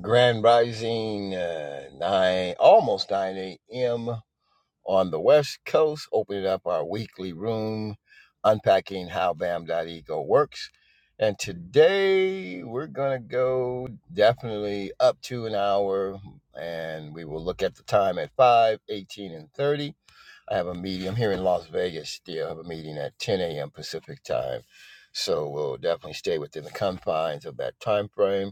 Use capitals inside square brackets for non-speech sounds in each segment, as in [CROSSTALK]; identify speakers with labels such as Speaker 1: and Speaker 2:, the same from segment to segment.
Speaker 1: Grand Rising uh, 9, almost 9 a.m. on the West Coast, opening up our weekly room, unpacking how BAM.ego works. And today we're going to go definitely up to an hour, and we will look at the time at 5, 18, and 30. I have a meeting. I'm here in Las Vegas still. I have a meeting at 10 a.m. Pacific time. So we'll definitely stay within the confines of that time frame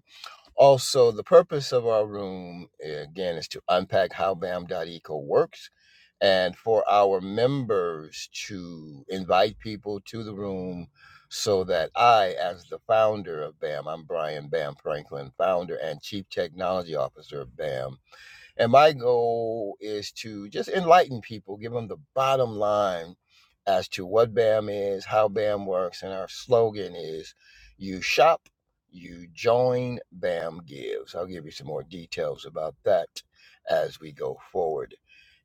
Speaker 1: also, the purpose of our room, eh, again, is to unpack how BAM.eco works and for our members to invite people to the room so that I, as the founder of BAM, I'm Brian Bam Franklin, founder and chief technology officer of BAM, and my goal is to just enlighten people, give them the bottom line as to what BAM is, how BAM works. And our slogan is you shop, you join, BAM gives. I'll give you some more details about that as we go forward.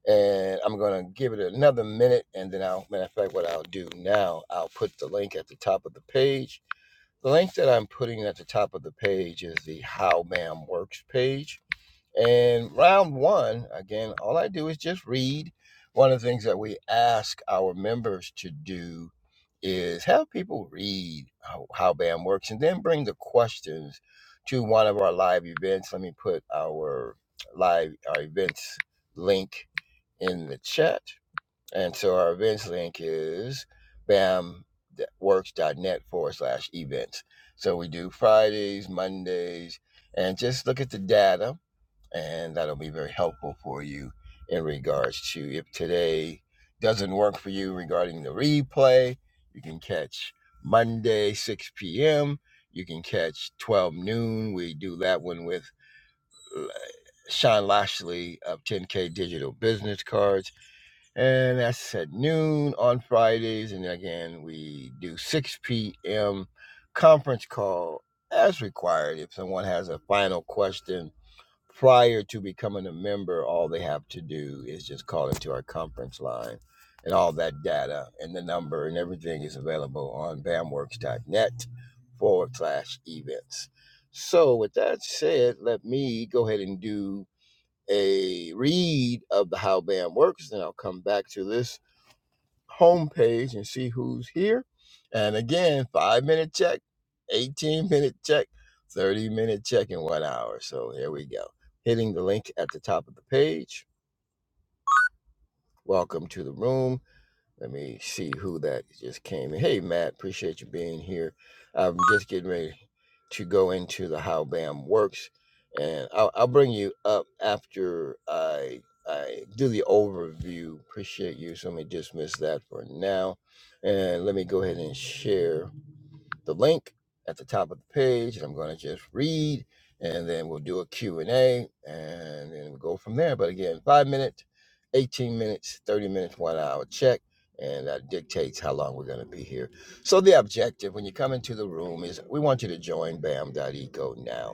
Speaker 1: And I'm going to give it another minute. And then I'll, matter of fact, what I'll do now, I'll put the link at the top of the page. The link that I'm putting at the top of the page is the How BAM Works page and round one, again, all I do is just read. One of the things that we ask our members to do is have people read how, how BAM works and then bring the questions to one of our live events. Let me put our live our events link in the chat. And so our events link is bamworks.net forward slash events. So we do Fridays, Mondays, and just look at the data and that'll be very helpful for you in regards to if today doesn't work for you regarding the replay, you can catch Monday 6 p.m. You can catch 12 noon. We do that one with uh, Sean Lashley of 10K Digital Business Cards, and that's at noon on Fridays. And again, we do 6 p.m. conference call as required. If someone has a final question prior to becoming a member, all they have to do is just call into our conference line, and all that data and the number and everything is available on bamworks.net forward slash events. So, with that said, let me go ahead and do a read of the How BAM Works, and I'll come back to this homepage and see who's here. And again, five minute check, 18 minute check, 30 minute check, in one hour. So here we go. Hitting the link at the top of the page. Welcome to the room. Let me see who that just came in. Hey, Matt, appreciate you being here. I'm just getting ready to go into the how BAM works, and I'll, I'll bring you up after I I do the overview. Appreciate you. So let me dismiss that for now, and let me go ahead and share the link at the top of the page and I'm going to just read and then we'll do a Q&A and A, and then we'll go from there. But again, five minutes, 18 minutes, 30 minutes, one hour check. And that dictates how long we're going to be here. So the objective when you come into the room is we want you to join Bam Eco now.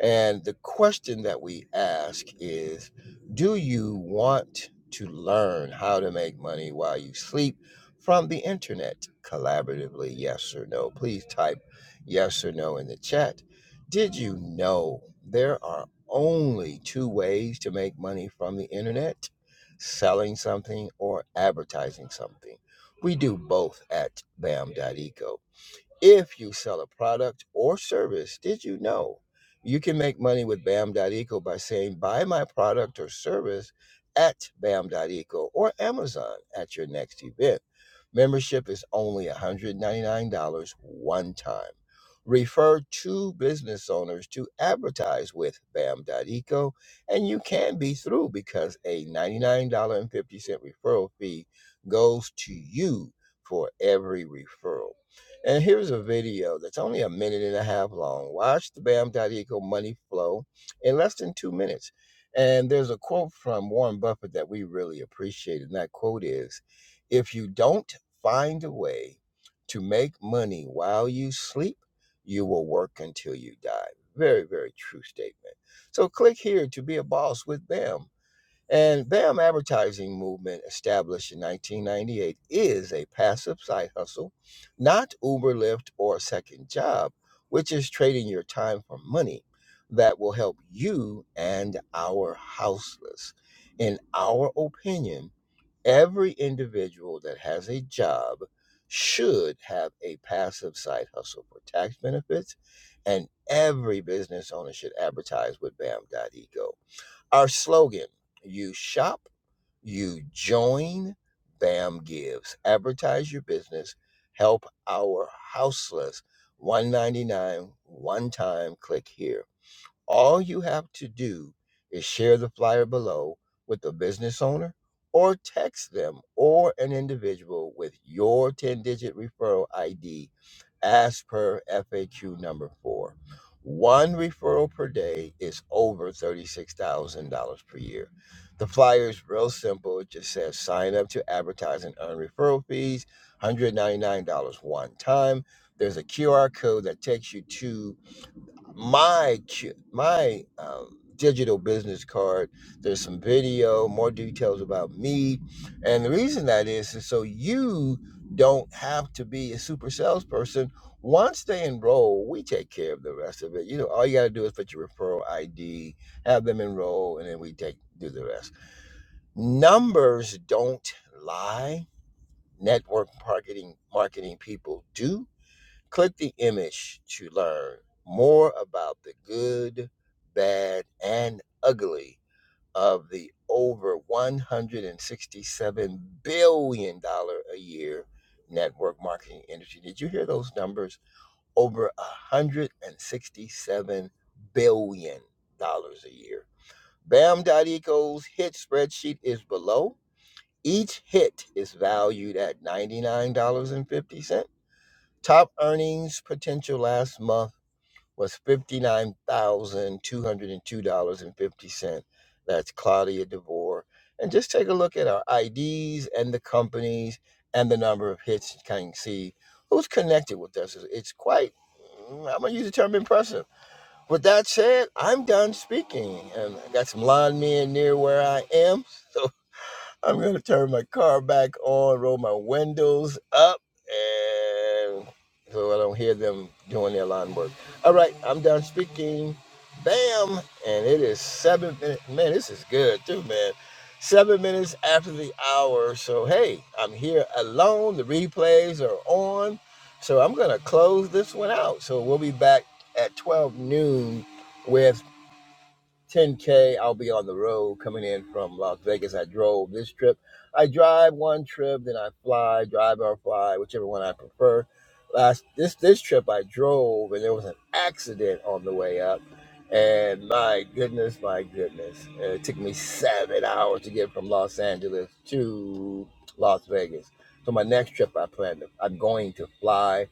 Speaker 1: And the question that we ask is Do you want to learn how to make money while you sleep from the internet collaboratively? Yes or no? Please type yes or no in the chat. Did you know there are only two ways to make money from the internet? Selling something or advertising something. We do both at Bam dot Eco. If you sell a product or service, did you know you can make money with BAM.eco by saying, buy my product or service at BAM.eco or Amazon at your next event? Membership is only $199 one time. Refer two business owners to advertise with BAM.eco, and you can be through because a $99.50 referral fee goes to you for every referral. And here's a video that's only a minute and a half long. Watch the Bam BAM.eco money flow in less than two minutes. And there's a quote from Warren Buffett that we really appreciate. And that quote is If you don't find a way to make money while you sleep, you will work until you die. Very, very true statement. So click here to be a boss with BAM. And BAM advertising movement established in 1998 is a passive side hustle, not Uber, Lyft, or a second job, which is trading your time for money that will help you and our houseless. In our opinion, every individual that has a job should have a passive side hustle for tax benefits, and every business owner should advertise with BAM.eco our slogan you shop, you join, BAM gives. Advertise your business, help our houseless. 199 one time click here. All you have to do is share the flyer below with a business owner or text them or an individual with your 10 digit referral ID as per FAQ number four. One referral per day is over $36,000 per year. The flyer is real simple. It just says sign up to advertise and earn referral fees, $199 one time. There's a QR code that takes you to my ch- my um, digital business card. There's some video, more details about me, and the reason that is is so you don't have to be a super salesperson. Once they enroll, we take care of the rest of it. You know, all you got to do is put your referral ID, have them enroll, and then we take do the rest. Numbers don't lie. Network marketing marketing people do Click the image to learn more about the good, bad, and ugly of the over $167 billion dollars a year network marketing industry. Did you hear those numbers? Over $167 billion dollars a year. Bam dot eco's hit spreadsheet is below. Each hit is valued at $99.50. Top earnings potential last month was $59,202.50. That's Claudia DeVore. And just take a look at our IDs and the companies and the number of hits you can see who's connected with us. It's quite, mm, I'm going to use the term impressive. With that said, I'm done speaking. And I got some lawn men near where I am. [LAUGHS] so. I'm gonna turn my car back on, roll my windows up, and so I don't hear them doing their lawn work. All right, I'm done speaking. Bam, and it is seven minutes. Man, this is good too, man. Seven minutes after the hour, so hey, I'm here alone. The replays are on, so I'm gonna close this one out. So we'll be back at 12 noon with 10K. I'll be on the road coming in from Las Vegas. I drove this trip. I drive one trip, then I fly, drive or fly, whichever one I prefer. Last this this trip I drove and there was an accident on the way up. And my goodness, my goodness. Uh, It took me seven hours to get from Los Angeles to Las Vegas. So my next trip I plan to I'm going to fly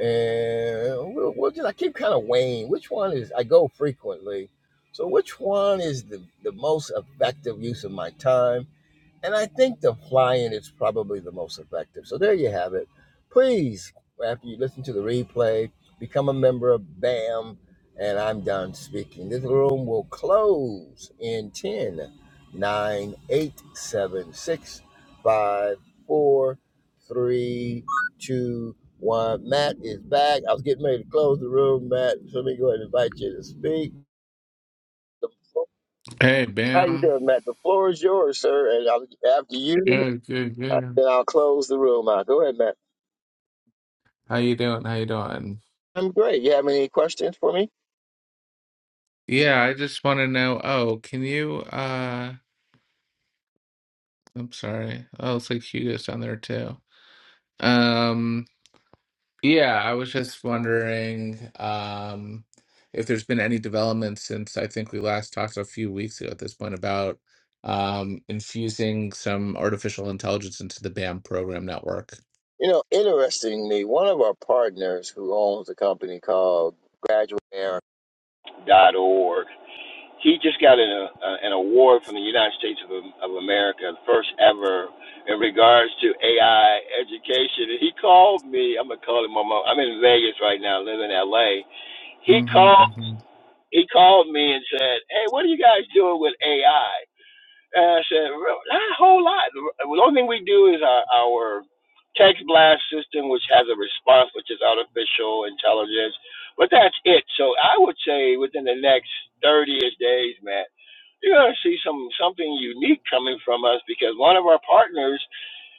Speaker 1: and we'll, we'll just I keep kind of weighing which one is I go frequently, so which one is the the most effective use of my time and I think the flying is probably the most effective. So there you have it. Please, after you listen to the replay, become a member of BAM. And I'm done speaking. This room will close in ten, nine, eight, seven, six, five, four, three, two, one. Matt is back. I was getting ready to close the room, Matt. So let me go ahead and invite you to speak. The- flo-
Speaker 2: Hey,
Speaker 1: How you
Speaker 2: Bam.
Speaker 1: doing, Matt? The floor is yours, sir. And I'll after you.
Speaker 2: Good, good,
Speaker 1: Uh,
Speaker 2: good.
Speaker 1: then I'll close the room out. Go ahead, Matt.
Speaker 2: How you doing? How you doing?
Speaker 1: I'm great. You have any questions for me?
Speaker 2: Yeah, I just want to know. Oh, can you? Uh, I'm sorry. Oh, it's like Hugo's down there too. Um, yeah, I was just wondering, um, if there's been any development since I think we last talked a few weeks ago at this point about, um, infusing some artificial intelligence into the BAM program network.
Speaker 1: You know, interestingly, one of our partners who owns a company called Graduate Air dot org, he just got an, uh, an award from the United States of, of America, the first ever in regards to AI education. And he called me. I'm gonna call him. I'm, I'm in Vegas right now, live in LA. He
Speaker 2: Mm-hmm,
Speaker 1: called.
Speaker 2: mm-hmm.
Speaker 1: He called me and said, "Hey, what are you guys doing with AI?" And I said, "Real- not a whole lot. The only thing we do is our, our text blast system, which has a response, which is artificial intelligence. But that's it. So I would say within the next 30-ish days, man, you're going to see some something unique coming from us because one of our partners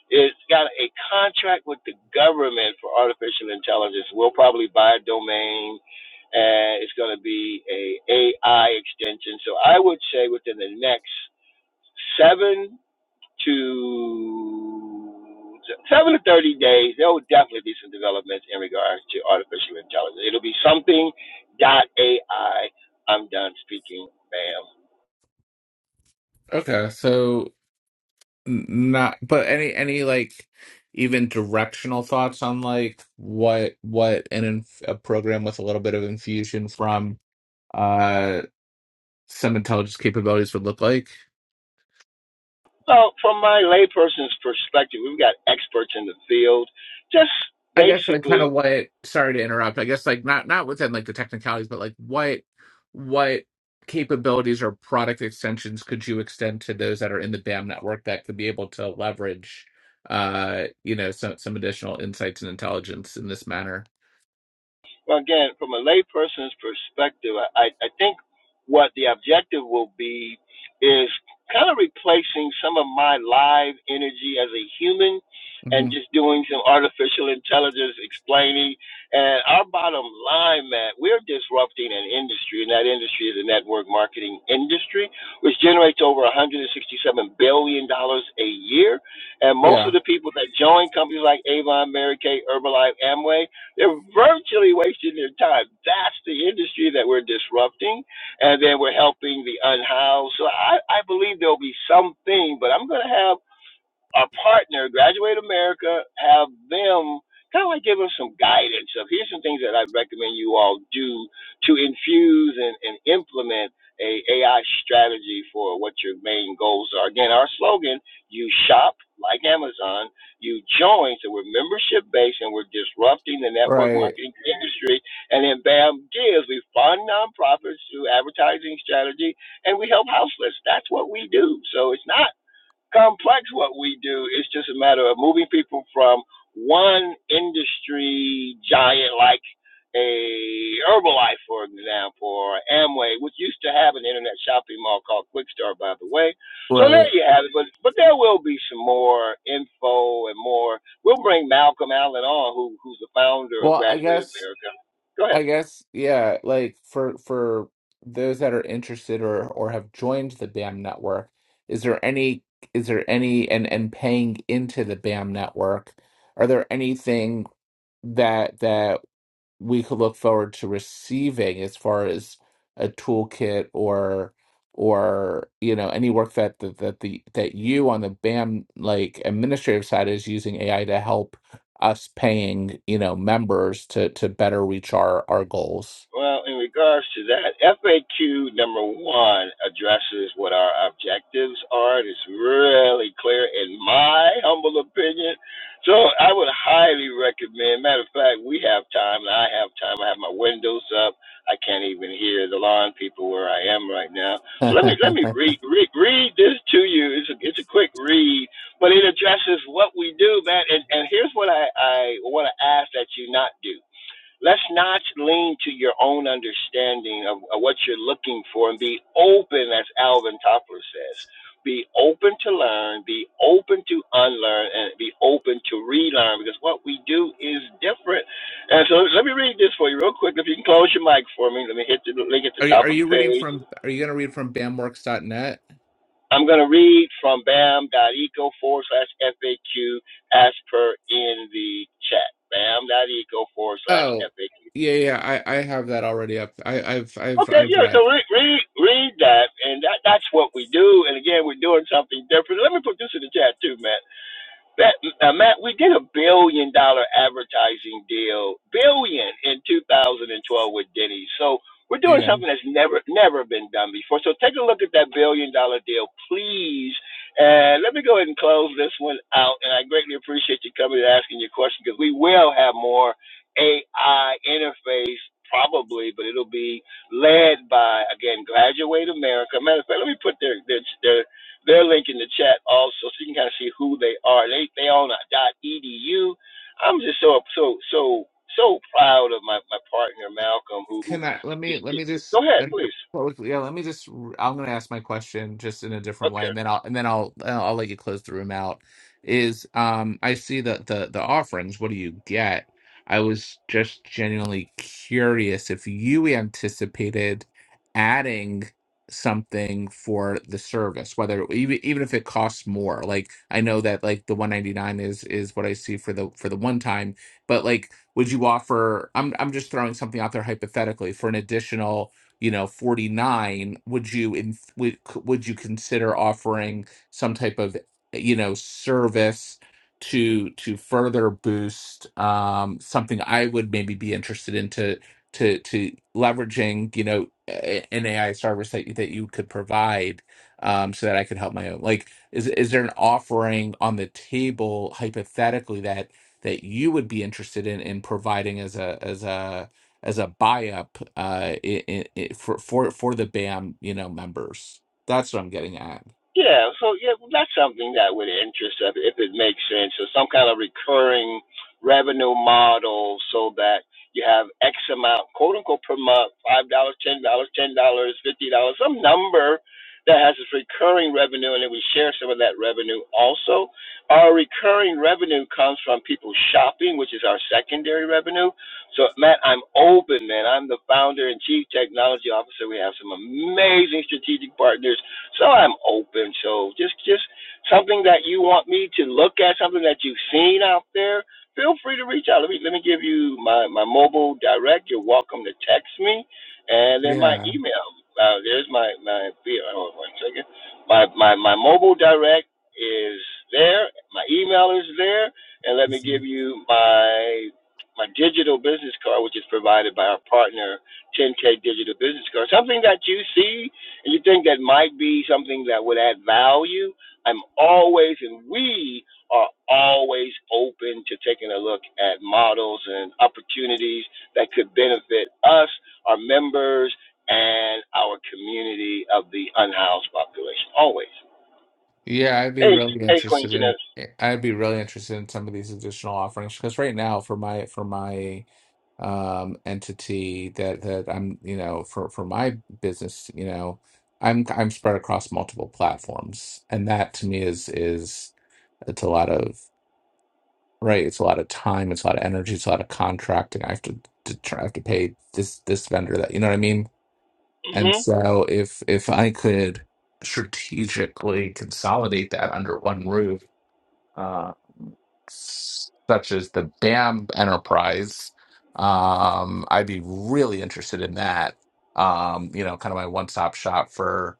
Speaker 1: is got a contract with the government for artificial intelligence. We'll probably buy a domain, and it's going to be a AI extension. So I would say within the next seven to seven to thirty days, there will definitely be some developments in regards to artificial intelligence. It'll be something dot AI. I'm done speaking, ma'am.
Speaker 2: Okay, so N- Not, but any any like even directional thoughts on like what what an inf a program with a little bit of infusion from uh some intelligence capabilities would look like.
Speaker 1: Well, from my layperson's perspective, we've got experts in the field. Just
Speaker 2: I guess like kind
Speaker 1: basically
Speaker 2: of what, sorry to interrupt. I guess like not not within like the technicalities, but like what what capabilities or product extensions could you extend to those that are in the BAM network that could be able to leverage uh you know some some additional insights and intelligence in this manner?
Speaker 1: Well, again, from a layperson's perspective, I, I think what the objective will be is kind of replacing some of my live energy as a human and
Speaker 2: hmm
Speaker 1: just doing some artificial intelligence explaining. And our bottom line, Matt, we're disrupting an industry, and that industry is the network marketing industry, which generates over $167 billion dollars a year. And most of
Speaker 2: Yeah.
Speaker 1: the people that join companies like Avon, Mary Kay, Herbalife, Amway, they're virtually wasting their time. That's the industry that we're disrupting, and then we're helping the unhoused. So I, I believe there'll be something, but I'm going to have a partner, Graduate America, have them kind of like give us some guidance of here's some things that I recommend you all do to infuse and, and implement a AI strategy for what your main goals are. Again, our slogan, you shop like Amazon, you join, so we're membership based and we're disrupting the network
Speaker 2: Right,
Speaker 1: marketing industry. And then BAM gives, we fund nonprofits through advertising strategy and we help houseless. That's what we do. So it's not complex what we do. It's just a matter of moving people from one industry giant like a Herbalife, for example, or Amway, which used to have an internet shopping mall called QuickStart. by the way. So there
Speaker 2: right.
Speaker 1: you have it. But but there will be some more info and more. We'll bring Malcolm Allen on, who who's the founder of
Speaker 2: Well, I
Speaker 1: Graduate
Speaker 2: guess,
Speaker 1: America. Go ahead.
Speaker 2: I guess, yeah, like for for those that are interested or or have joined the BAM network, is there any is there any and and paying into the BAM network, are there anything that that we could look forward to receiving as far as a toolkit or or you know any work that that that, the, that you on the BAM like administrative side is using AI to help us paying you know members to to better reach our our goals.
Speaker 1: Well, in regards to that, FAQ number one addresses what our objectives are. It's really clear, in my humble opinion. So I would highly recommend. Matter of fact, we have time, and I have time. I have my windows up. I can't even hear the lawn people where I am right now.
Speaker 2: [LAUGHS]
Speaker 1: So let me let me
Speaker 2: are
Speaker 1: read read, read this to you. It's a it's a quick read, but it addresses what we do, man. And and here's what I I want to ask that you not do Let's not lean to your own understanding of, of what you're looking for and be open, as Alvin Toffler says. Be open to learn, be open to unlearn, and be open to relearn because what we do is different. And so let me read this for you real quick. If you can close your mic for me, let me hit the link at the
Speaker 2: you
Speaker 1: top
Speaker 2: are
Speaker 1: of
Speaker 2: you
Speaker 1: the
Speaker 2: reading
Speaker 1: page.
Speaker 2: from are you going to read from bamworks.net?
Speaker 1: I'm going to read from bam.eco forward slash FAQ as per in the chat. Bam.eco forward slash
Speaker 2: Oh,
Speaker 1: FAQ.
Speaker 2: yeah yeah I I have that already up. I I've I've
Speaker 1: Okay,
Speaker 2: I've
Speaker 1: yeah.
Speaker 2: read.
Speaker 1: So read read read that, and that that's what we do. And again, we're doing something different. Let me put this in the chat too, man. That now, Matt, we did a billion dollar advertising deal, billion in 2012 with Denny's. So we're doing
Speaker 2: Yeah.
Speaker 1: something that's never never been done before. So take a look at that billion dollar deal, please. And let me go ahead and close this one out. And I greatly appreciate you coming and asking your question because we will have more AI interface probably, but it'll be led by again Graduate America. Matter of fact, let me put their their their link in the chat also, so you can kind of see who they are. They they own a dot edu. I'm just so so so so proud of my my partner Malcolm, who who
Speaker 2: Can I let
Speaker 1: is.
Speaker 2: me let
Speaker 1: is.
Speaker 2: me just
Speaker 1: Go ahead,
Speaker 2: I think it-
Speaker 1: please.
Speaker 2: well, yeah let me just i am I'm gonna ask my question just in a different way
Speaker 1: Okay.
Speaker 2: and then I'll and then I'll I'll I'll let you close the room out is um I see that the the offerings what do you get I was just genuinely curious if you anticipated adding something for the service whether even even if it costs more like I know that like the 199 is is what I see for the for the one time but like would you offer i'm i'm just throwing something out there hypothetically for an additional you know 49 would you in would, would you consider offering some type of you know service to to further boost um something i would maybe be interested in to to to leveraging you know a- an ai service that you, that you could provide um so that i could help my own like is is there an offering on the table hypothetically that that you would be interested in in providing as a as a as a buy up uh, i i i for for for the BAM you know members. That's what I'm getting at.
Speaker 1: Yeah, so yeah, well, that's something that would interest us if it makes sense, or some kind of recurring revenue model, so that you have X amount, quote unquote, per month, five dollars, ten dollars, ten dollars, fifty dollars, some number that has this recurring revenue, and then we share some of that revenue also. Our recurring revenue comes from people shopping, which is our secondary revenue. So, Matt, I'm open, man. I'm the founder and chief technology officer. We have some amazing strategic partners so I'm open. So just just something that you want me to look at, something that you've seen out there. Feel free to reach out. Let me let me give you my my mobile direct. You're welcome to text me, and then my
Speaker 2: Yeah,
Speaker 1: email. Uh, there's my my hold on one second. My my my mobile direct is there. My email is there, and let me give
Speaker 2: Mhm.
Speaker 1: you my my digital business card, which is provided by our partner, 10K Digital Business Card. Something that you see you think that might be something that would add value, I'm always, and we are always open to taking a look at models and opportunities that could benefit us, our members, and our community of the unhoused population. Always.
Speaker 2: yeah, I'd be
Speaker 1: Hey,
Speaker 2: really
Speaker 1: hey, Queen
Speaker 2: interested in
Speaker 1: Janetta.
Speaker 2: eh, I'd be really interested in some of these additional offerings because right now for my for my um entity that that I'm you know for for my business you know I'm I'm spread across multiple platforms and that to me is is it's a lot of right? It's a lot of time, it's a lot of energy, it's a lot of contracting. I have to, to try, I have to pay this this vendor that you know what I mean.
Speaker 1: hmm
Speaker 2: And so if if I could strategically consolidate that under one roof, uh, s- such as the BAM enterprise, um, I'd be really interested in that. Um, you know, kind of my one stop shop for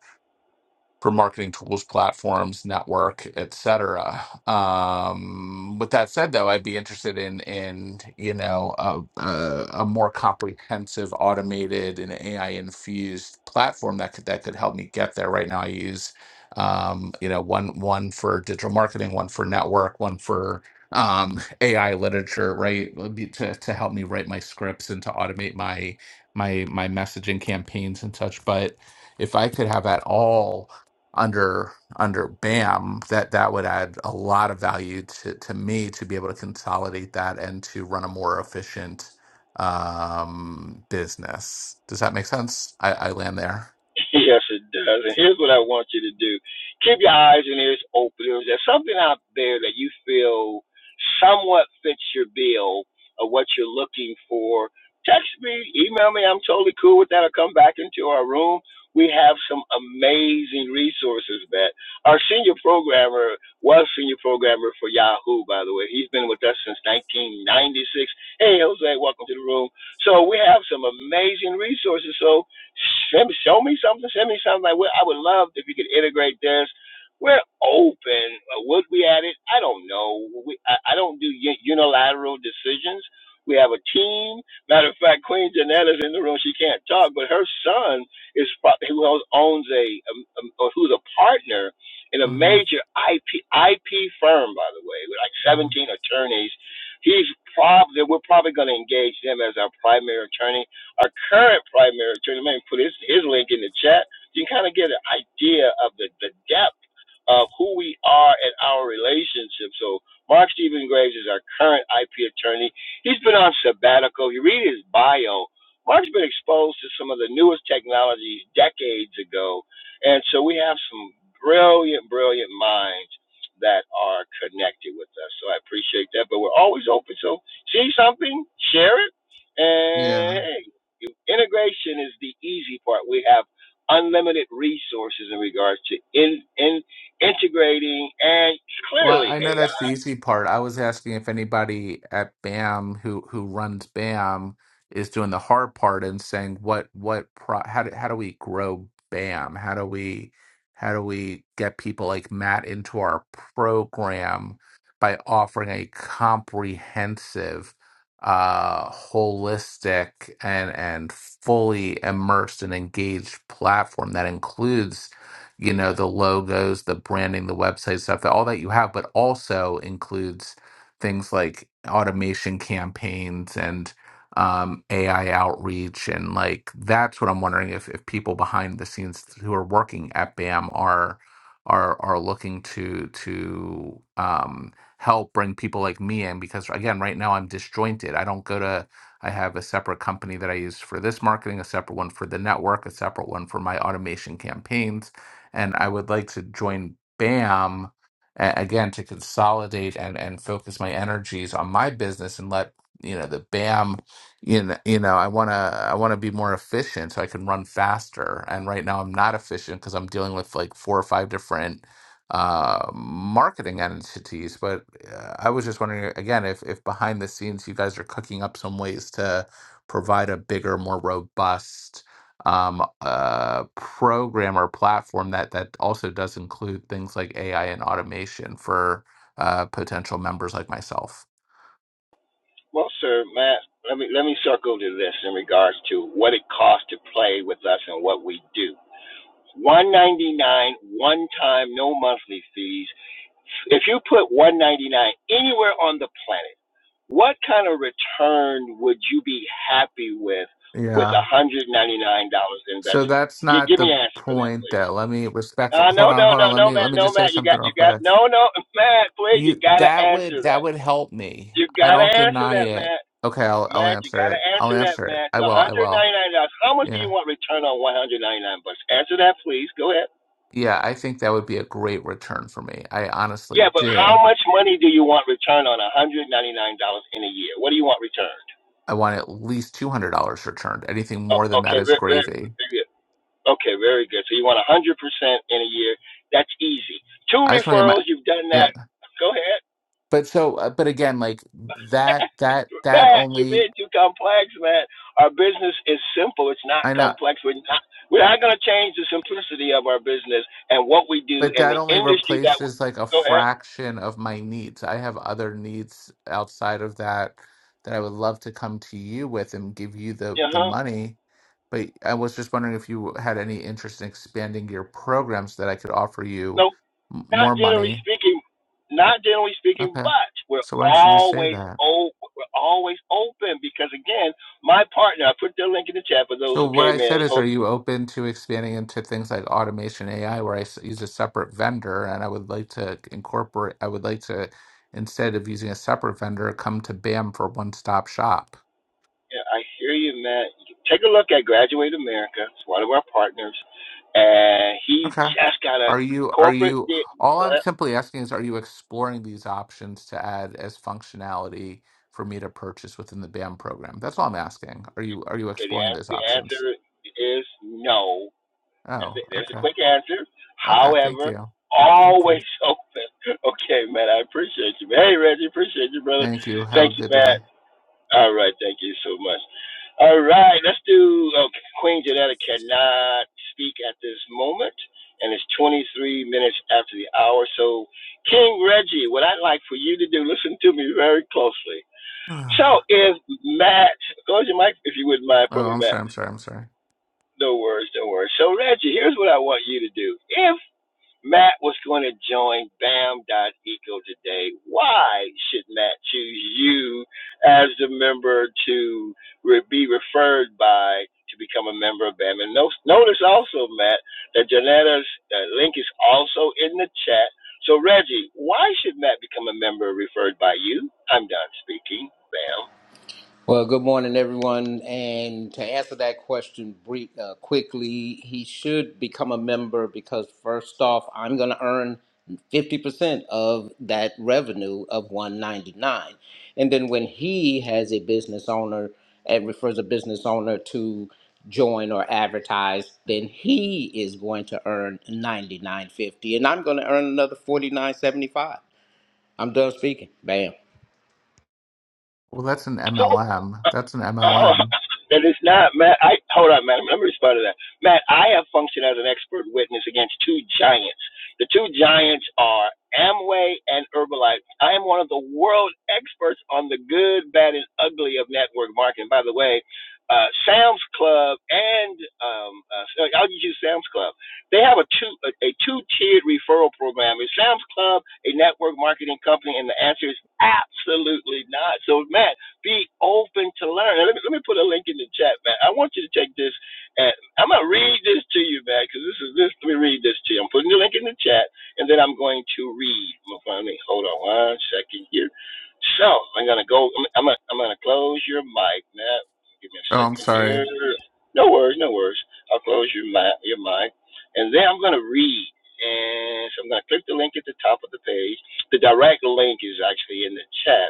Speaker 2: for marketing tools, platforms, network, etc. Um, with that said, though, I'd be interested in in you know a, a, a more comprehensive, automated, and AI infused platform that could that could help me get there. Right now, I use um, you know one one for digital marketing, one for network, one for um, AI literature, right, would be to to help me write my scripts and to automate my my my messaging campaigns and such. But if I could have at all under under BAM, that that would add a lot of value to to me to be able to consolidate that and to run a more efficient um business. Does that make sense? I, I land there.
Speaker 1: [LAUGHS] yes, it does. And here's what I want you to do: keep your eyes and ears open. If there's something out there that you feel somewhat fits your bill of what you're looking for, text me, email me. I'm totally cool with that. I'll come back into our room. We have some amazing resources, Matt. Our senior programmer was senior programmer for Yahoo, by the way. He's been with us since 1996. Hey, Jose, welcome to the room. So we have some amazing resources. So Send, show me something. Send me something. Like, well, I would love if you could integrate this. We're open. Uh, Would we add it? I don't know. We, I, I don't do unilateral decisions. We have a team. Matter of fact, Queen Janetta's in the room. She can't talk, but her son is probably who owns owns a, um um, or who's a partner in a
Speaker 2: hmm
Speaker 1: major IP IP firm, by the way, with like 17
Speaker 2: hmm
Speaker 1: attorneys. He's probably we're probably going to engage them as our primary attorney our current primary attorney, maybe put his, his link in the chat. You can kind of get an idea of the, the depth of who we are and our relationship. So Mark Stephen Graves is our current IP attorney. He's been on sabbatical. You read his bio. Mark's been exposed to some of the newest technologies decades ago. And so we have some brilliant, brilliant minds that are connected with us. So I appreciate that. But we're always open. So see something, share it,
Speaker 2: Yeah.
Speaker 1: and hey, integration is the easy part. We have unlimited resources in regards to in, integrating and
Speaker 2: Well,
Speaker 1: clearly
Speaker 2: I know that's
Speaker 1: AI.
Speaker 2: the easy part. I was asking if anybody at BAM who who runs BAM is doing the hard part and saying what what pro how do, how do we grow BAM? How do we how do we get people like Matt into our program by offering a comprehensive, uh, holistic and and fully immersed and engaged platform that includes you know, the logos, the branding, the website stuff, all that you have, but also includes things like automation campaigns and um, AI outreach. And like, that's what I'm wondering if, if people behind the scenes who are working at BAM are, are, are looking to, to, um, help bring people like me in because again, right now I'm disjointed. I don't go to, I have a separate company that I use for this marketing, a separate one for the network, a separate one for my automation campaigns and I would like to join BAM a- again to consolidate and and focus my energies on my business and let you know the BAM you know, you know I want to I want to be more efficient so I can run faster and right now I'm not efficient because I'm dealing with like four or five different uh marketing entities but uh, I was just wondering again if if behind the scenes you guys are cooking up some ways to provide a bigger more robust um, uh, program or platform that that also does include things like AI and automation for uh, potential members like myself.
Speaker 1: Well, sir, Matt, let me let me circle to this in regards to what it costs to play with us and what we do. 199 one time no monthly fees. If you put 199 anywhere on the planet, what kind of return would you be happy with with
Speaker 2: Yeah.
Speaker 1: $199
Speaker 2: So
Speaker 1: invested?
Speaker 2: that's
Speaker 1: G-
Speaker 2: not
Speaker 1: give me
Speaker 2: the
Speaker 1: an answer for that,
Speaker 2: point.
Speaker 1: please.
Speaker 2: That let me respectful.
Speaker 1: Uh,
Speaker 2: Hold
Speaker 1: no,
Speaker 2: on,
Speaker 1: no,
Speaker 2: hold on.
Speaker 1: no,
Speaker 2: Let
Speaker 1: no,
Speaker 2: me let
Speaker 1: Matt,
Speaker 2: me
Speaker 1: no,
Speaker 2: just say
Speaker 1: Matt, you got,
Speaker 2: something real
Speaker 1: you got,
Speaker 2: quick.
Speaker 1: no, no, [LAUGHS] Matt, please, you
Speaker 2: You
Speaker 1: gotta
Speaker 2: that
Speaker 1: answer
Speaker 2: would that
Speaker 1: that.
Speaker 2: would help me.
Speaker 1: You
Speaker 2: I
Speaker 1: gotta
Speaker 2: don't
Speaker 1: answer
Speaker 2: deny
Speaker 1: that,
Speaker 2: it.
Speaker 1: Matt.
Speaker 2: Okay, I'll I'll
Speaker 1: Matt, you
Speaker 2: answer
Speaker 1: gotta
Speaker 2: it. I'll
Speaker 1: answer that,
Speaker 2: answer it.
Speaker 1: Matt. It's
Speaker 2: I will. I
Speaker 1: $199.
Speaker 2: will.
Speaker 1: How much do you
Speaker 2: Yeah.
Speaker 1: want return on 199 bucks? Answer that, please. Go ahead.
Speaker 2: Yeah, I think that would be a great return for me. I honestly
Speaker 1: Yeah, but
Speaker 2: do.
Speaker 1: how much money do you want return on $199 in a year? What do you want returned?
Speaker 2: I want at least two hundred dollars returned. Anything
Speaker 1: Oh,
Speaker 2: more than that
Speaker 1: okay,
Speaker 2: is
Speaker 1: very, very,
Speaker 2: gravy.
Speaker 1: very good. Okay, very good. So you want 100% in a year. That's easy. Two
Speaker 2: I just want to get my
Speaker 1: referrals, you've done
Speaker 2: yeah.
Speaker 1: that. Go ahead.
Speaker 2: But so, uh, but again, like that, that, that
Speaker 1: Matt, you're
Speaker 2: only
Speaker 1: being too complex, Matt. Our business is simple. It's not
Speaker 2: I know,
Speaker 1: complex. We're not we're not going to change the simplicity of our business and what we do
Speaker 2: but
Speaker 1: in
Speaker 2: that
Speaker 1: the
Speaker 2: only
Speaker 1: industry that we
Speaker 2: replaces like a
Speaker 1: go ahead.
Speaker 2: fraction of my needs. I have other needs outside of that that I would love to come to you with and give you the
Speaker 1: Uh
Speaker 2: the
Speaker 1: huh.
Speaker 2: money. But I was just wondering if you had any interest in expanding your programs that I could offer
Speaker 1: No,
Speaker 2: you m-
Speaker 1: not
Speaker 2: more
Speaker 1: generally
Speaker 2: money.
Speaker 1: speaking. Not generally speaking,
Speaker 2: Okay,
Speaker 1: but we're
Speaker 2: so why don't you just say
Speaker 1: always
Speaker 2: that?
Speaker 1: open. We're always open because again, my partner. I put the link in the chat for those
Speaker 2: So
Speaker 1: who
Speaker 2: what I
Speaker 1: came
Speaker 2: said
Speaker 1: in.
Speaker 2: is,
Speaker 1: Jose
Speaker 2: are you open to expanding into things like automation AI, where I s- use a separate vendor, and I would like to incorporate. I would like to, instead of using a separate vendor, come to BAM for one stop shop.
Speaker 1: Yeah, I hear you, Matt. Take a look at Graduate America. It's one of our partners, and he
Speaker 2: Okay.
Speaker 1: just got a
Speaker 2: Are you? Are
Speaker 1: corporate.
Speaker 2: you?
Speaker 1: The,
Speaker 2: All I'm
Speaker 1: the,
Speaker 2: simply asking is, are you exploring these options to add as functionality for me to purchase within the BAM program? That's all I'm asking. Are you? Are you exploring
Speaker 1: an-
Speaker 2: those
Speaker 1: the
Speaker 2: options?
Speaker 1: answer is no. That's
Speaker 2: Oh,
Speaker 1: it. There's a
Speaker 2: okay.
Speaker 1: quick answer.
Speaker 2: Okay. Thank
Speaker 1: However,
Speaker 2: you. Thank you.
Speaker 1: always [LAUGHS] open. Okay, Matt. I appreciate you. Hey, Reggie, appreciate you, brother.
Speaker 2: Thank you. Have a
Speaker 1: Thank you,
Speaker 2: good
Speaker 1: Matt. All right, thank you so much. All right, let's do uh, Queen Janetta cannot speak at this moment, and it's 23 minutes after the hour. So, King Reggie, what I'd like for you to do, listen to me very closely.
Speaker 2: day. [SIGHS]
Speaker 1: So, if Matt, close your mic if you wouldn't mind for
Speaker 2: Oh,
Speaker 1: me,
Speaker 2: I'm
Speaker 1: Matt.
Speaker 2: sorry. I'm sorry. I'm sorry.
Speaker 1: No worries, no worries. So, Reggie, here's what I want you to do. If Matt was going to join Bam Eco today. Why should Matt choose you as the member to re- be referred by to become a member of BAM? And no- notice also, Matt, that Janetta's uh, link is also in the chat. So, Reggie, why should Matt become a member referred by you? I'm done speaking, BAM.
Speaker 3: Well, good morning, everyone. And to answer that question brief, uh, quickly, he should become a member because, first off, I'm going to earn 50% of that revenue of 199 And then when he has a business owner and refers a business owner to join or advertise, then he is going to earn 99.50 and I'm going to earn another 49.75. I'm done speaking. Bam.
Speaker 2: Well, that's an
Speaker 1: So
Speaker 2: MLM.
Speaker 1: uh,
Speaker 2: That's an
Speaker 1: [LAUGHS] oh,
Speaker 2: MLM.
Speaker 1: that is not Matt. I hold on, Matt. Let me respond to that. Matt, I have functioned as an expert witness against two giants. The two giants are Amway and Herbalife. I am one of the world experts on the good, bad, and ugly of network marketing. By the way, uh, Sam's Club and um, uh, so I'll use Sam's Club. They have a two a, a two tiered referral program. Is Sam's Club a network marketing company? And the answer is absolutely not. So, Matt be open to learn. let me, let me put a link in the chat, man. I want you to take this. And I'm gonna read this to you, man, because this is this. Let me read this to you. I'm putting the link in the chat, and then I'm going to read. Let me hold on one second here. So I'm gonna go. I'm I'm gonna, I'm gonna close your mic, man. Give me a
Speaker 2: Oh, I'm
Speaker 1: second here.
Speaker 2: sorry.
Speaker 1: No worries, no worries. I'll close your mic, your mic, and then I'm gonna read. And so I'm gonna click the link at the top of the page. The direct link is actually in the chat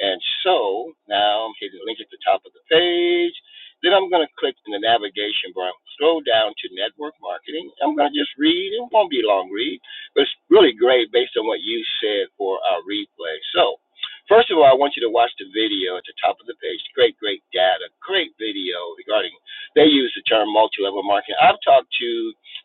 Speaker 1: and so now I'm hitting the link at the top of the page. Then I'm going to click in the navigation bar, scroll down to network marketing. I'm going to just read. It won't be a long read, but it's really great based on what you said for our replay. So, first of all, I want you to watch the video at the top of the page. Great, great data, great video regarding, they use the term multi level marketing. I've talked to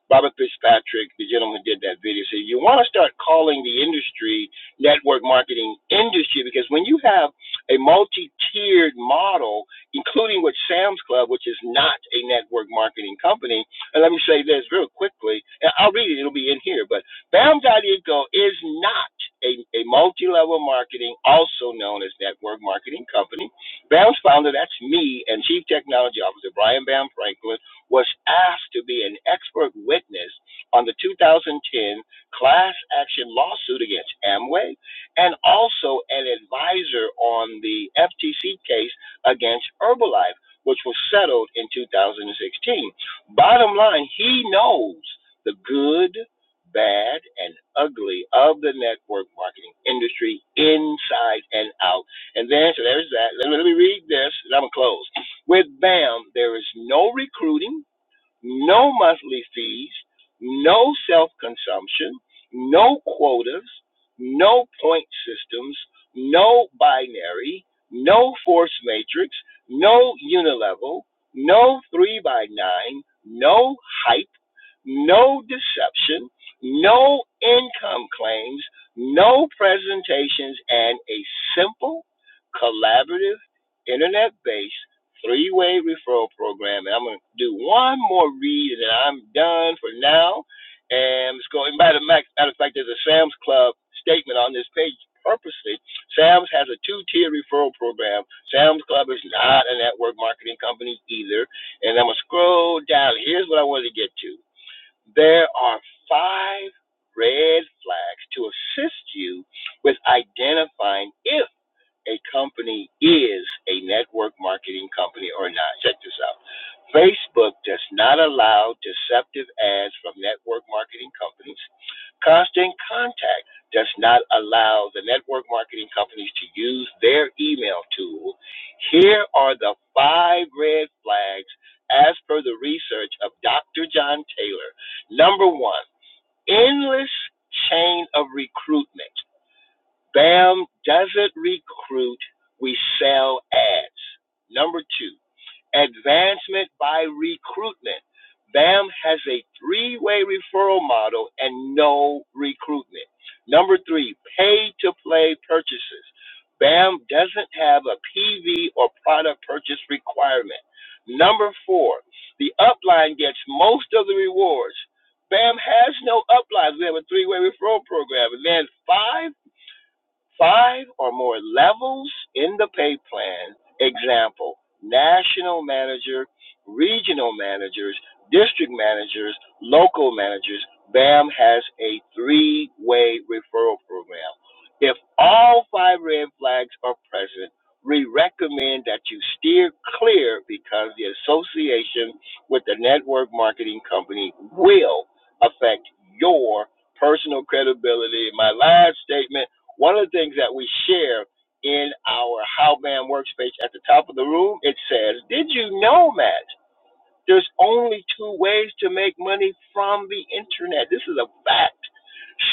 Speaker 1: Robert Fitzpatrick, the gentleman who did that video, said, You want to start calling the industry network marketing industry because when you have a multi-tiered model, including with Sam's Club, which is not a network marketing company, and let me say this real quickly, and I'll read it, it'll be in here, but BAM.eco is not a, a multi-level marketing, also known as network marketing company. BAM's founder, that's me, and Chief Technology Officer Brian Bam Franklin, was asked to be an expert witness on the 2010 class action lawsuit against Amway, and also an advisor on the FTC case against Herbalife, which was settled in 2016. Bottom line, he knows the good, bad, and ugly of the network marketing industry inside and out. And then, so there's that. Let me, let me read this, and I'm going to close. With BAM, there is no recruiting no monthly fees, no self consumption, no quotas, no point systems, no binary, no force matrix, no unilevel, no 3 by 9 no hype, no deception, no income claims, no presentations, and a simple, collaborative, internet based three-way referral program. And I'm going to do one more read, and then I'm done for now. And it's going. Matter of fact, matter of fact, there's a Sam's Club statement on this page purposely. Sam's has a two-tier referral program. Sam's Club is not a network marketing company either. And I'm going to scroll down. Here's what I wanted to get to. There are five red flags to assist you with identifying if a company is a network marketing company or not. Check this out. Facebook does not allow deceptive ads from network marketing companies. Constant Contact does not allow the network marketing companies to use their email tool. Here are the five red flags as per the research of Dr. John Taylor. Number one, endless chain of recruitment. BAM doesn't recruit, we sell ads. Number two, advancement by recruitment. BAM has a three way referral model and no recruitment. Number three, pay to play purchases. BAM doesn't have a PV or product purchase requirement. Number four, the upline gets most of the rewards. BAM has no uplines. We have a three way referral program. And then five, Five or more levels in the pay plan. Example, national manager, regional managers, district managers, local managers. BAM has a three way referral program. If all five red flags are present, we recommend that you steer clear because the association with the network marketing company will affect your personal credibility. My last statement one of the things that we share in our How Bam workspace at the top of the room, it says, Did you know, Matt? There's only two ways to make money from the internet. This is a fact.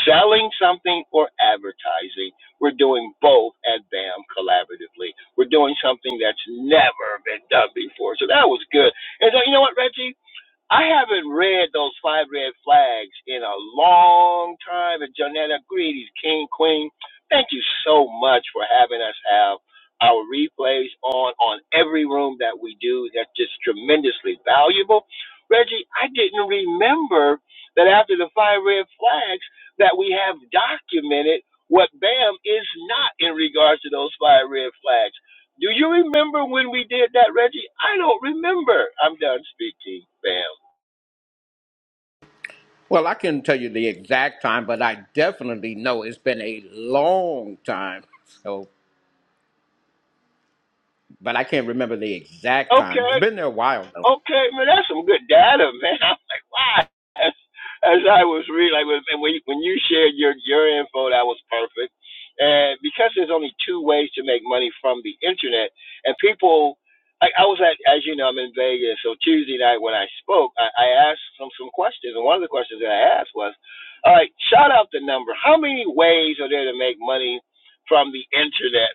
Speaker 1: Selling something or advertising. We're doing both at BAM collaboratively. We're doing something that's never been done before. So that was good. And so, you know what, Reggie? I haven't read those five red flags in a long time. And Janetta greetings, King Queen. Thank you so much for having us have our replays on on every room that we do. That's just tremendously valuable. Reggie, I didn't remember that after the five red flags that we have documented what BAM is not in regards to those five red flags. Do you remember when we did that, Reggie? I don't remember. I'm done speaking, BAM.
Speaker 3: Well, I couldn't tell you the exact time, but I definitely know it's been a long time. So, but I can't remember the exact time.
Speaker 1: Okay,
Speaker 3: It's been there a while though.
Speaker 1: okay, man, that's some good data, man. [LAUGHS] I'm like, wow. As, as I was reading, like, when- and when you- when you shared your your info, that was perfect. And because there's only two ways to make money from the internet, and people, like, I was at, as you know, I'm in Vegas, so Tuesday night when I spoke, I, I asked some some questions, and one of the questions that I asked was, all right, shout out the number. How many ways are there to make money from the internet?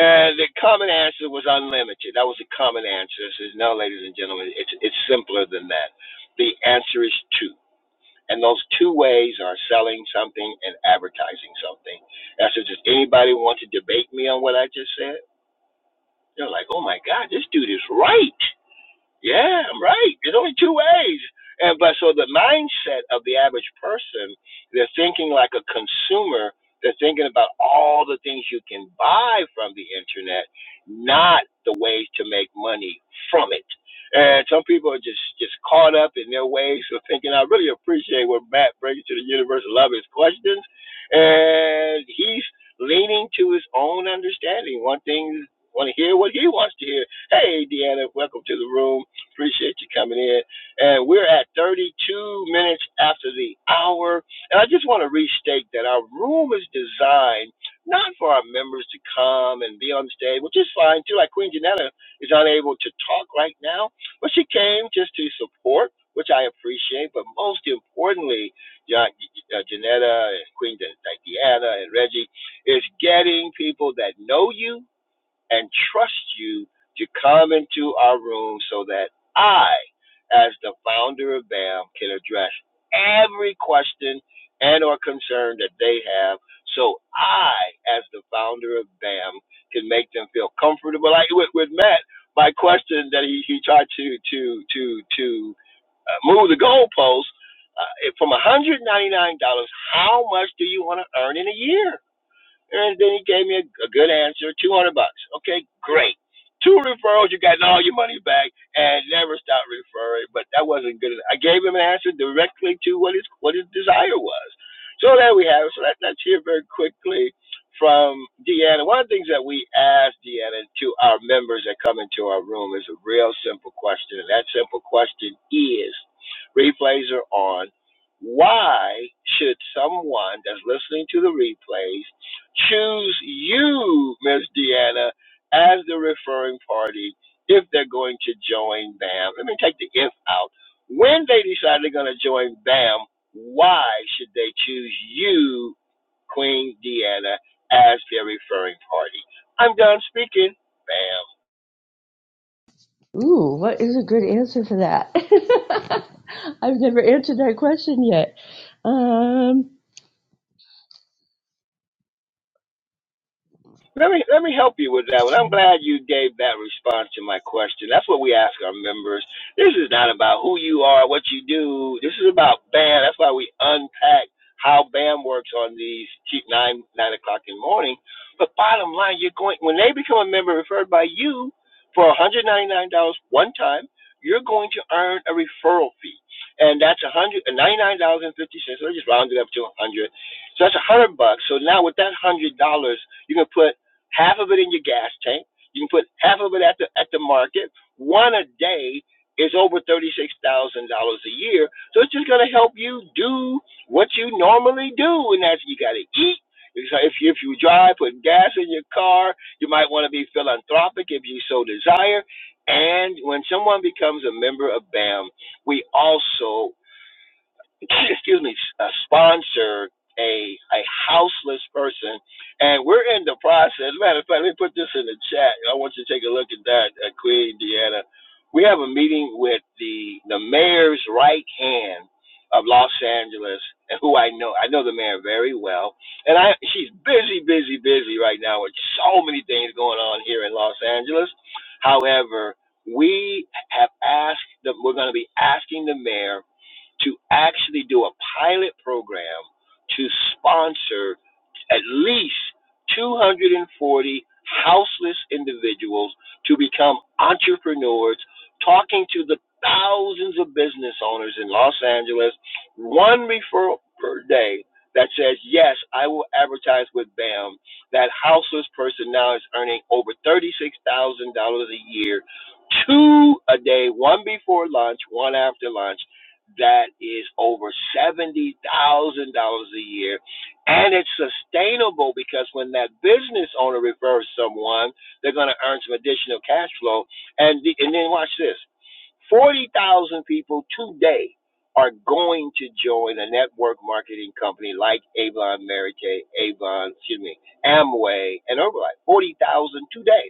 Speaker 1: Uh, the common answer was unlimited. That was the common answer. It says, no, ladies and gentlemen, it's, it's simpler than that. The answer is two. And those two ways are selling something and advertising something. And I said, does anybody want to debate me on what I just said? They're like, oh my God, this dude is right. Yeah, I'm right. There's only two ways. And but so the mindset of the average person, they're thinking like a consumer. They're thinking about all the things you can buy from the internet, not the ways to make money from it. And some people are just just caught up in their ways of thinking. I really appreciate what Matt brings to the universe. I love his questions, and he's leaning to his own understanding. One thing, want to hear what he wants to hear. Hey, Deanna, welcome to the room. Appreciate you coming in. And we're at 32 minutes after the hour. And I just want to restate that our room is designed not for our members to come and be on stage, which is fine too. Like Queen Janetta is unable to talk right now, but she came just to support, which I appreciate. But most importantly, Ja- uh, Janetta and Queen Di- Diana and Reggie is getting people that know you and trust you to come into our room so that I, as the founder of BAM, can address every question and or concern that they have so I, as the founder of BAM, can make them feel comfortable. Like with, with Matt, my question that he, he tried to to to to uh, move the goalposts uh, from $199, how much do you want to earn in a year? And then he gave me a, a good answer, 200 bucks. Okay, great. Two referrals, you got all your money back, and never stopped referring. But that wasn't good. enough. I gave him an answer directly to what his what his desire was. So there we have it. So let, let's hear very quickly from Deanna. One of the things that we ask Deanna to our members that come into our room is a real simple question, and that simple question is: replays are on. Why should someone that's listening to the replays choose you, Miss Deanna, as the referring party if they're going to join BAM. Let me take the if out. When they decide they're going to join BAM, why should they choose you, Queen Deanna, as their referring party? I'm done speaking. BAM.
Speaker 4: Ooh, what is a good answer for that? [LAUGHS] I've never answered that question yet. Um,
Speaker 1: Let me let me help you with that one. I'm glad you gave that response to my question. That's what we ask our members. This is not about who you are, what you do. This is about BAM. That's why we unpack how BAM works on these cheap nine nine o'clock in the morning. But bottom line, you're going when they become a member referred by you for $199 one time, you're going to earn a referral fee. And that's $199.50. So I just rounded up to 100 So that's 100 bucks. So now with that $100, you can put half of it in your gas tank. You can put half of it at the at the market. One a day is over thirty six thousand dollars a year. So it's just gonna help you do what you normally do, and that's you gotta eat. like If you, if you drive, put gas in your car. You might want to be philanthropic if you so desire. And when someone becomes a member of BAM, we also [LAUGHS] [CLEARS THROAT] excuse me, uh, sponsor a a houseless person, and we're in the process. Matter of fact, let me put this in the chat. I want you to take a look at that, uh, Queen Deanna. We have a meeting with the the mayor's right hand of Los Angeles, and who I know. I know the mayor very well, and I she's busy, busy, busy right now with so many things going on here in Los Angeles. However, we have asked that we're going to be asking the mayor to actually do a pilot program to sponsor at least 240 houseless individuals to become entrepreneurs, talking to the thousands of business owners in Los Angeles, one referral per day that says, Yes, I will advertise with BAM. That houseless person now is earning over $36,000 a year, two a day, one before lunch, one after lunch that is over $70,000 a year. And it's sustainable because when that business owner refers someone, they're going to earn some additional cash flow. And, the, and then watch this 40,000 people today are going to join a network marketing company like Avon, Mary Kay, Avon, excuse me, Amway, and Herbalife. 40,000 today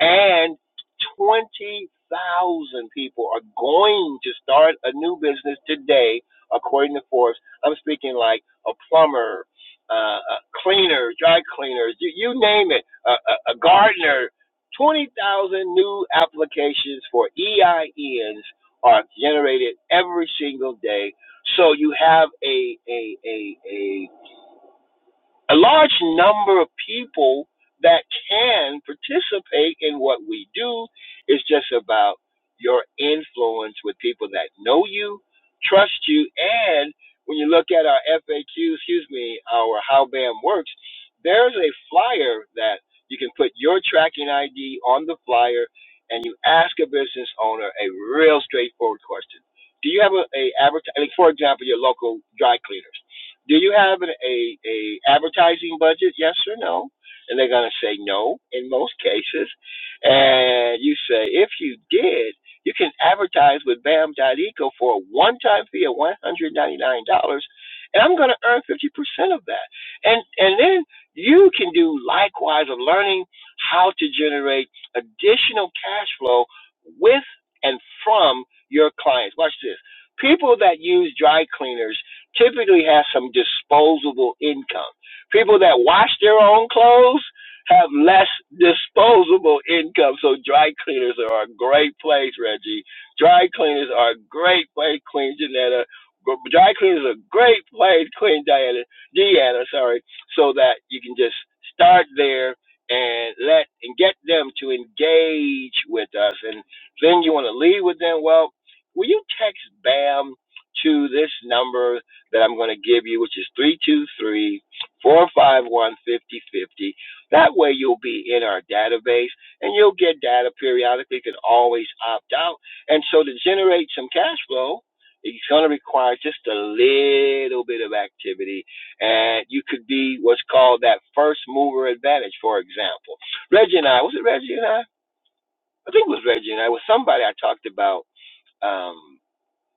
Speaker 1: and 20,000 people are going to start a new business today, according to Forbes. I'm speaking like a plumber, uh, a cleaner, dry cleaners, you, you name it, a, a, a gardener. 20,000 new applications for EINs are generated every single day. So you have a, a, a, a a large number of people that can participate in what we do is just about your influence with people that know you, trust you, and when you look at our FAQ, excuse me, our How BAM Works, there's a flyer that you can put your tracking ID on the flyer and you ask a business owner a real straightforward question. Do you have a, a advertising, for example, your local dry cleaners? Do you have an, a a advertising budget? Yes or no? And they're gonna say no in most cases. And you say if you did, you can advertise with Bam Dot Eco for a one-time fee of one hundred ninety-nine dollars, and I'm gonna earn fifty percent of that. And and then you can do likewise of learning how to generate additional cash flow with and from your clients. Watch this. People that use dry cleaners typically has some disposable income. People that wash their own clothes have less disposable income. So dry cleaners are a great place, Reggie. Dry cleaners are a great place, Queen Janetta. Gr- Dry cleaners are a great place, Queen Diana, Deanna, sorry, so that you can just start there and let and get them to engage with us. And then you want to lead with them. Well, will you text BAM to this number? that I'm going to give you, which is three two three four five one fifty fifty. That way you'll be in our database and you'll get data periodically. You can always opt out. And so to generate some cash flow, it's going to require just a little bit of activity. And you could be what's called that first mover advantage, for example. Reggie and I, was it Reggie and I? I think it was Reggie and I, it was somebody I talked about. um,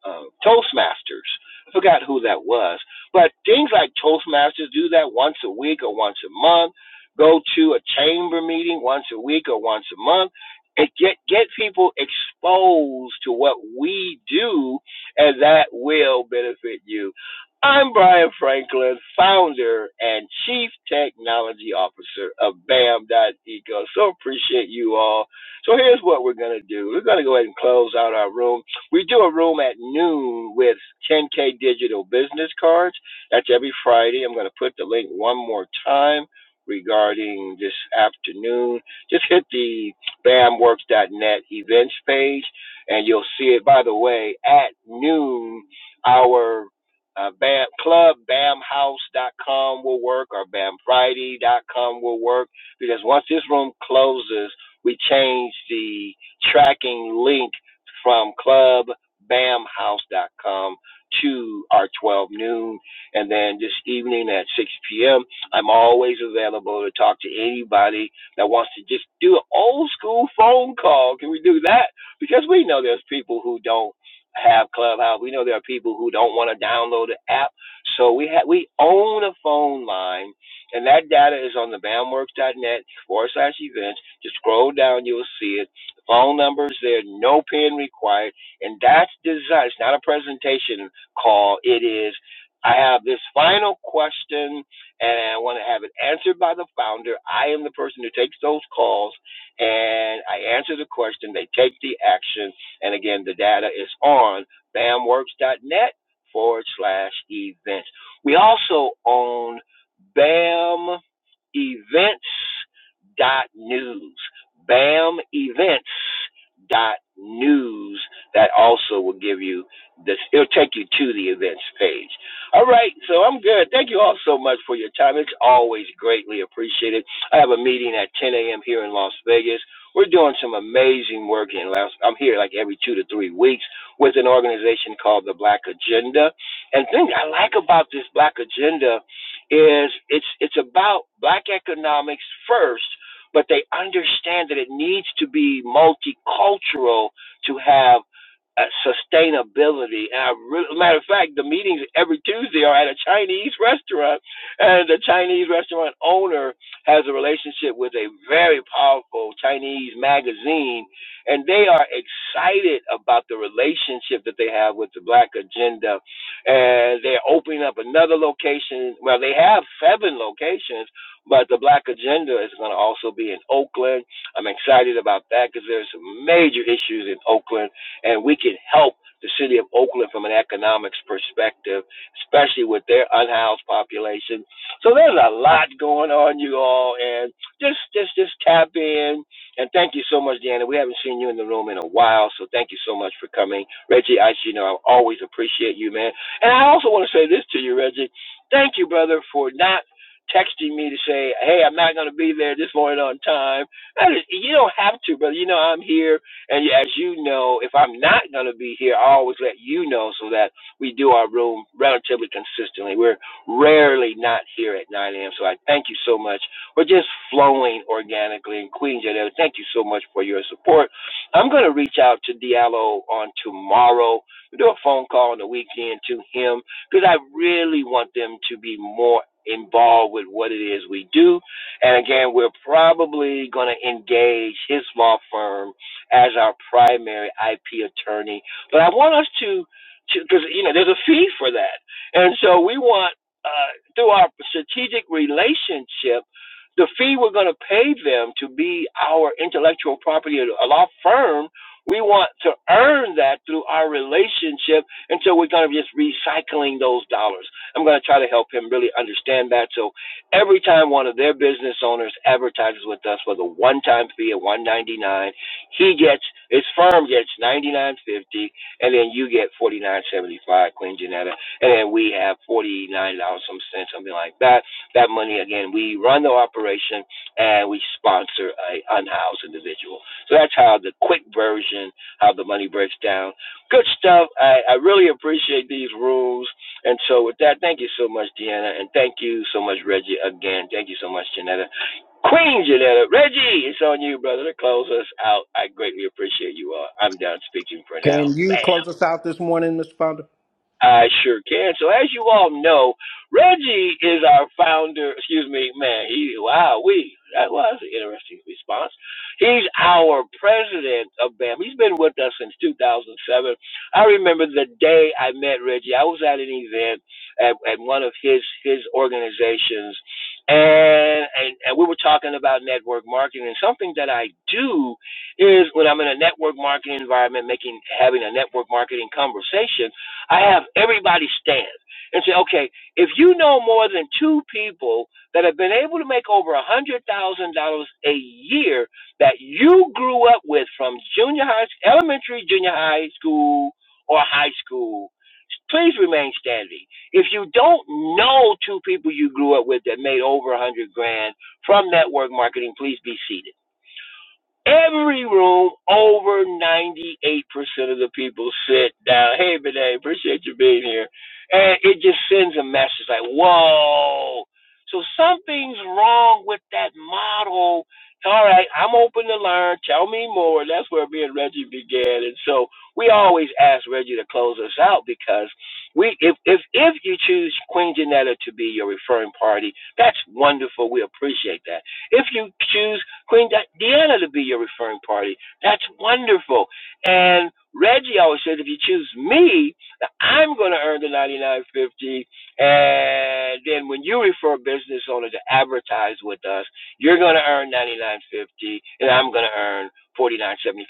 Speaker 1: uh, Toastmasters. I forgot who that was, but things like Toastmasters do that once a week or once a month. Go to a chamber meeting once a week or once a month, and get get people exposed to what we do, and that will benefit you. I'm Brian Franklin, founder and chief technology officer of Bam. Eco. So appreciate you all. So here's what we're gonna do. We're gonna go ahead and close out our room. We do a room at noon with 10K digital business cards. That's every Friday. I'm going to put the link one more time regarding this afternoon. Just hit the bamworks.net events page and you'll see it. By the way, at noon, our uh, BAM, club bamhouse.com will work or bamfriday.com will work because once this room closes, we change the tracking link from clubbamhouse.com to our 12 noon. And then this evening at 6 p.m., I'm always available to talk to anybody that wants to just do an old school phone call. Can we do that? Because we know there's people who don't have Clubhouse. We know there are people who don't want to download the app. So we have we own a phone line, and that data is on the bamworks.net forward slash events. Just scroll down, you'll see it Phone numbers, there no pin required, and that's design. It's not a presentation call. It is. I have this final question, and I want to have it answered by the founder. I am the person who takes those calls, and I answer the question. They take the action, and again, the data is on bamworks.net forward slash events. We also own BAM events dot news. Bam Events dot News. That also will give you this. It'll take you to the events page. All right, so I'm good. Thank you all so much for your time. It's always greatly appreciated. I have a meeting at 10 a.m. here in Las Vegas. We're doing some amazing work in Las. I'm here like every two to three weeks with an organization called the Black Agenda. And the thing I like about this Black Agenda is it's it's about black economics first but they understand that it needs to be multicultural to have uh, sustainability. And I really, matter of fact, the meetings every Tuesday are at a Chinese restaurant, and the Chinese restaurant owner has a relationship with a very powerful Chinese magazine, and they are excited about the relationship that they have with the Black Agenda, and they're opening up another location. Well, they have seven locations but the Black Agenda is going to also be in Oakland. I'm excited about that because there's some major issues in Oakland, and we can help the city of Oakland from an economics perspective, especially with their unhoused population. So there's a lot going on, you all, and just just just tap in. And thank you so much, Deanna. We haven't seen you in the room in a while, so thank you so much for coming, Reggie. I you know I always appreciate you, man. And I also want to say this to you, Reggie. Thank you, brother, for not texting me to say, "Hey, I'm not going to be there this morning on time." That is, you don't have to, brother. You know I'm here, and as you know, if I'm not going to be here, I always let you know so that we do our room relatively consistently. We're rarely not here at 9 a.m. So I thank you so much. We're just flowing organically, and Queen Janetta, thank you so much for your support. I'm going to reach out to Diallo on tomorrow. We do a phone call on the weekend to him because I really want them to be more involved with what it is we do. And again, we're probably going to engage his law firm as our primary IP attorney. But I want us to, because you know, there's a fee for that, and so we want uh, through our strategic relationship. The fee we're going to pay them to be our intellectual property law firm, we want to earn that through our relationship and so we're going to just recycling those dollars. I'm going to try to help him really understand that. So every time one of their business owners advertises with us with a one-time fee of 199, he gets his firm gets 99.50, and then you get 49.75, Queen Janetta, and then we have 49 dollars some cents, something like that. That money again, we run the operation and we sponsor a unhoused individual. So that's how the quick version, how the money breaks down. Good stuff. I, I really appreciate these rules. And so, with that, thank you so much, Deanna. And thank you so much, Reggie, again. Thank you so much, Janetta. Queen Janetta. Reggie, it's on you, brother, to close us out. I greatly appreciate you all. I'm done speaking for now.
Speaker 3: Can you
Speaker 1: Bam.
Speaker 3: close us out this morning, Mr. Founder?
Speaker 1: I sure can. So as you all know, Reggie is our founder. Excuse me, man. He wow, we that was an interesting response. He's our president of BAM. He's been with us since 2007. I remember the day I met Reggie. I was at an event at, at one of his his organizations. And, and and we were talking about network marketing and something that I do is when I'm in a network marketing environment, making having a network marketing conversation I have everybody stand and say, okay, if you know more than two people that have been able to make over a hundred thousand dollars a year that you grew up with from junior high, elementary, junior high school, or high school, please remain standing. If you don't know two people you grew up with that made over a hundred grand from network marketing, please be seated. Every room, over 98% of the people sit down. Hey, Bidet, appreciate you being here. And it just sends a message like, whoa. So something's wrong with that model. All right, I'm open to learn. Tell me more. That's where me and Reggie began. And so we always ask Reggie to close us out because we, if, if, if you choose Queen Janetta to be your referring party, that's wonderful. We appreciate that. If you choose Queen Di- Deanna to be your referring party. That's wonderful. And Reggie always says, if you choose me, I'm going to earn the 99.50. And then when you refer business owner to advertise with us, you're going to earn 99.50, and I'm going to earn 49.75.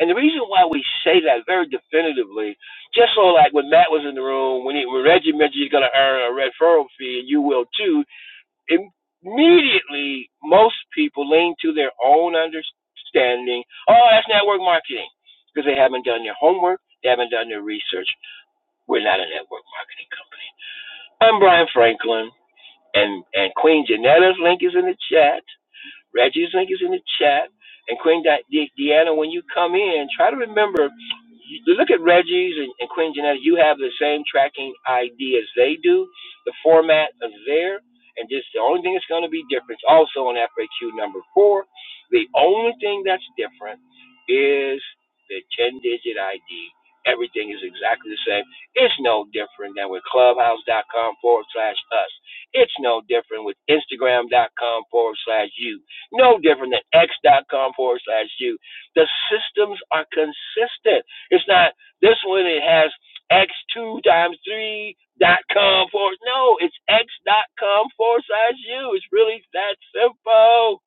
Speaker 1: And the reason why we say that very definitively, just so like when Matt was in the room, when, he, when Reggie mentioned he's going to earn a referral fee, and you will too, Immediately, most people lean to their own understanding. Oh, that's network marketing because they haven't done their homework. They haven't done their research. We're not a network marketing company. I'm Brian Franklin, and and Queen Janetta's link is in the chat. Reggie's link is in the chat. And Queen Di- De- Deanna, when you come in, try to remember, you you look at Reggie's and, and Queen Janetta, you have the same tracking ID as they do. The format is there. And just the only thing that's going to be different, also on FAQ number four, the only thing that's different is the 10 digit ID. Everything is exactly the same. It's no different than with clubhouse.com forward slash us. It's no different with Instagram.com forward slash you no different than x dot com forward slash you. The systems are consistent. It's not this one, it has x2 times 3 dot com forward. No, it's x dot com forward slash you. It's really that simple.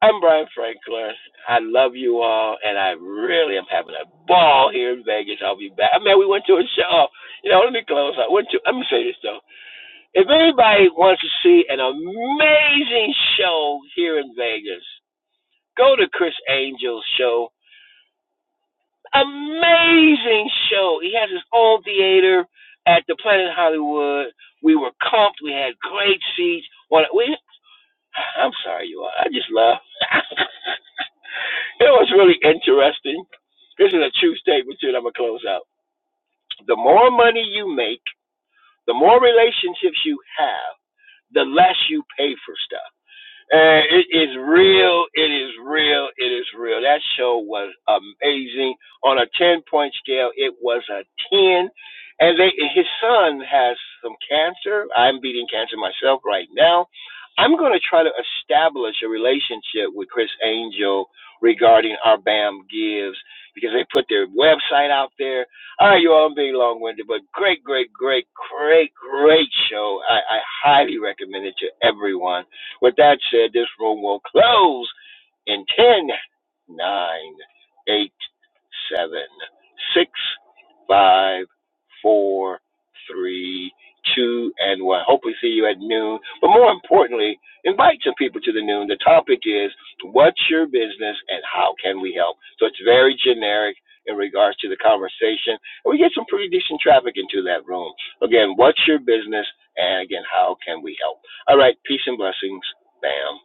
Speaker 1: I'm Brian Franklin. I love you all, and I really am having a ball here in Vegas. I'll be back. I mean, we went to a show. You know, let me close up. Went to, let me say this, though. If anybody wants to see an amazing show here in Vegas, Go to Chris Angel's show. Amazing show. He has his own theater at the Planet Hollywood. We were comped. We had great seats. we, I'm sorry, you all. I just love. [LAUGHS] it was really interesting. This is a true statement, too, that I'm going to close out. The more money you make, the more relationships you have, the less you pay for stuff. And it is real. It is real. It is real. That show was amazing. On a 10 point scale, it was a 10. And they, his son has some cancer. I'm beating cancer myself right now. I'm going to try to establish a relationship with Chris Angel regarding our BAM Gives because they put their website out there. All right, you all, I'm being long winded, but great, great, great, great, great show. I, I highly recommend it to everyone. With that said, this room will close in ten, nine, eight, seven, six, five, four, three, two, and 1. Hope we see you at noon. But more importantly, invite some people to the noon. The topic is what's your business and how can we help? So it's very generic in regards to the conversation. And we get some pretty decent traffic into that room. Again, what's your business? And again, how can we help? All right, peace and blessings. Bam.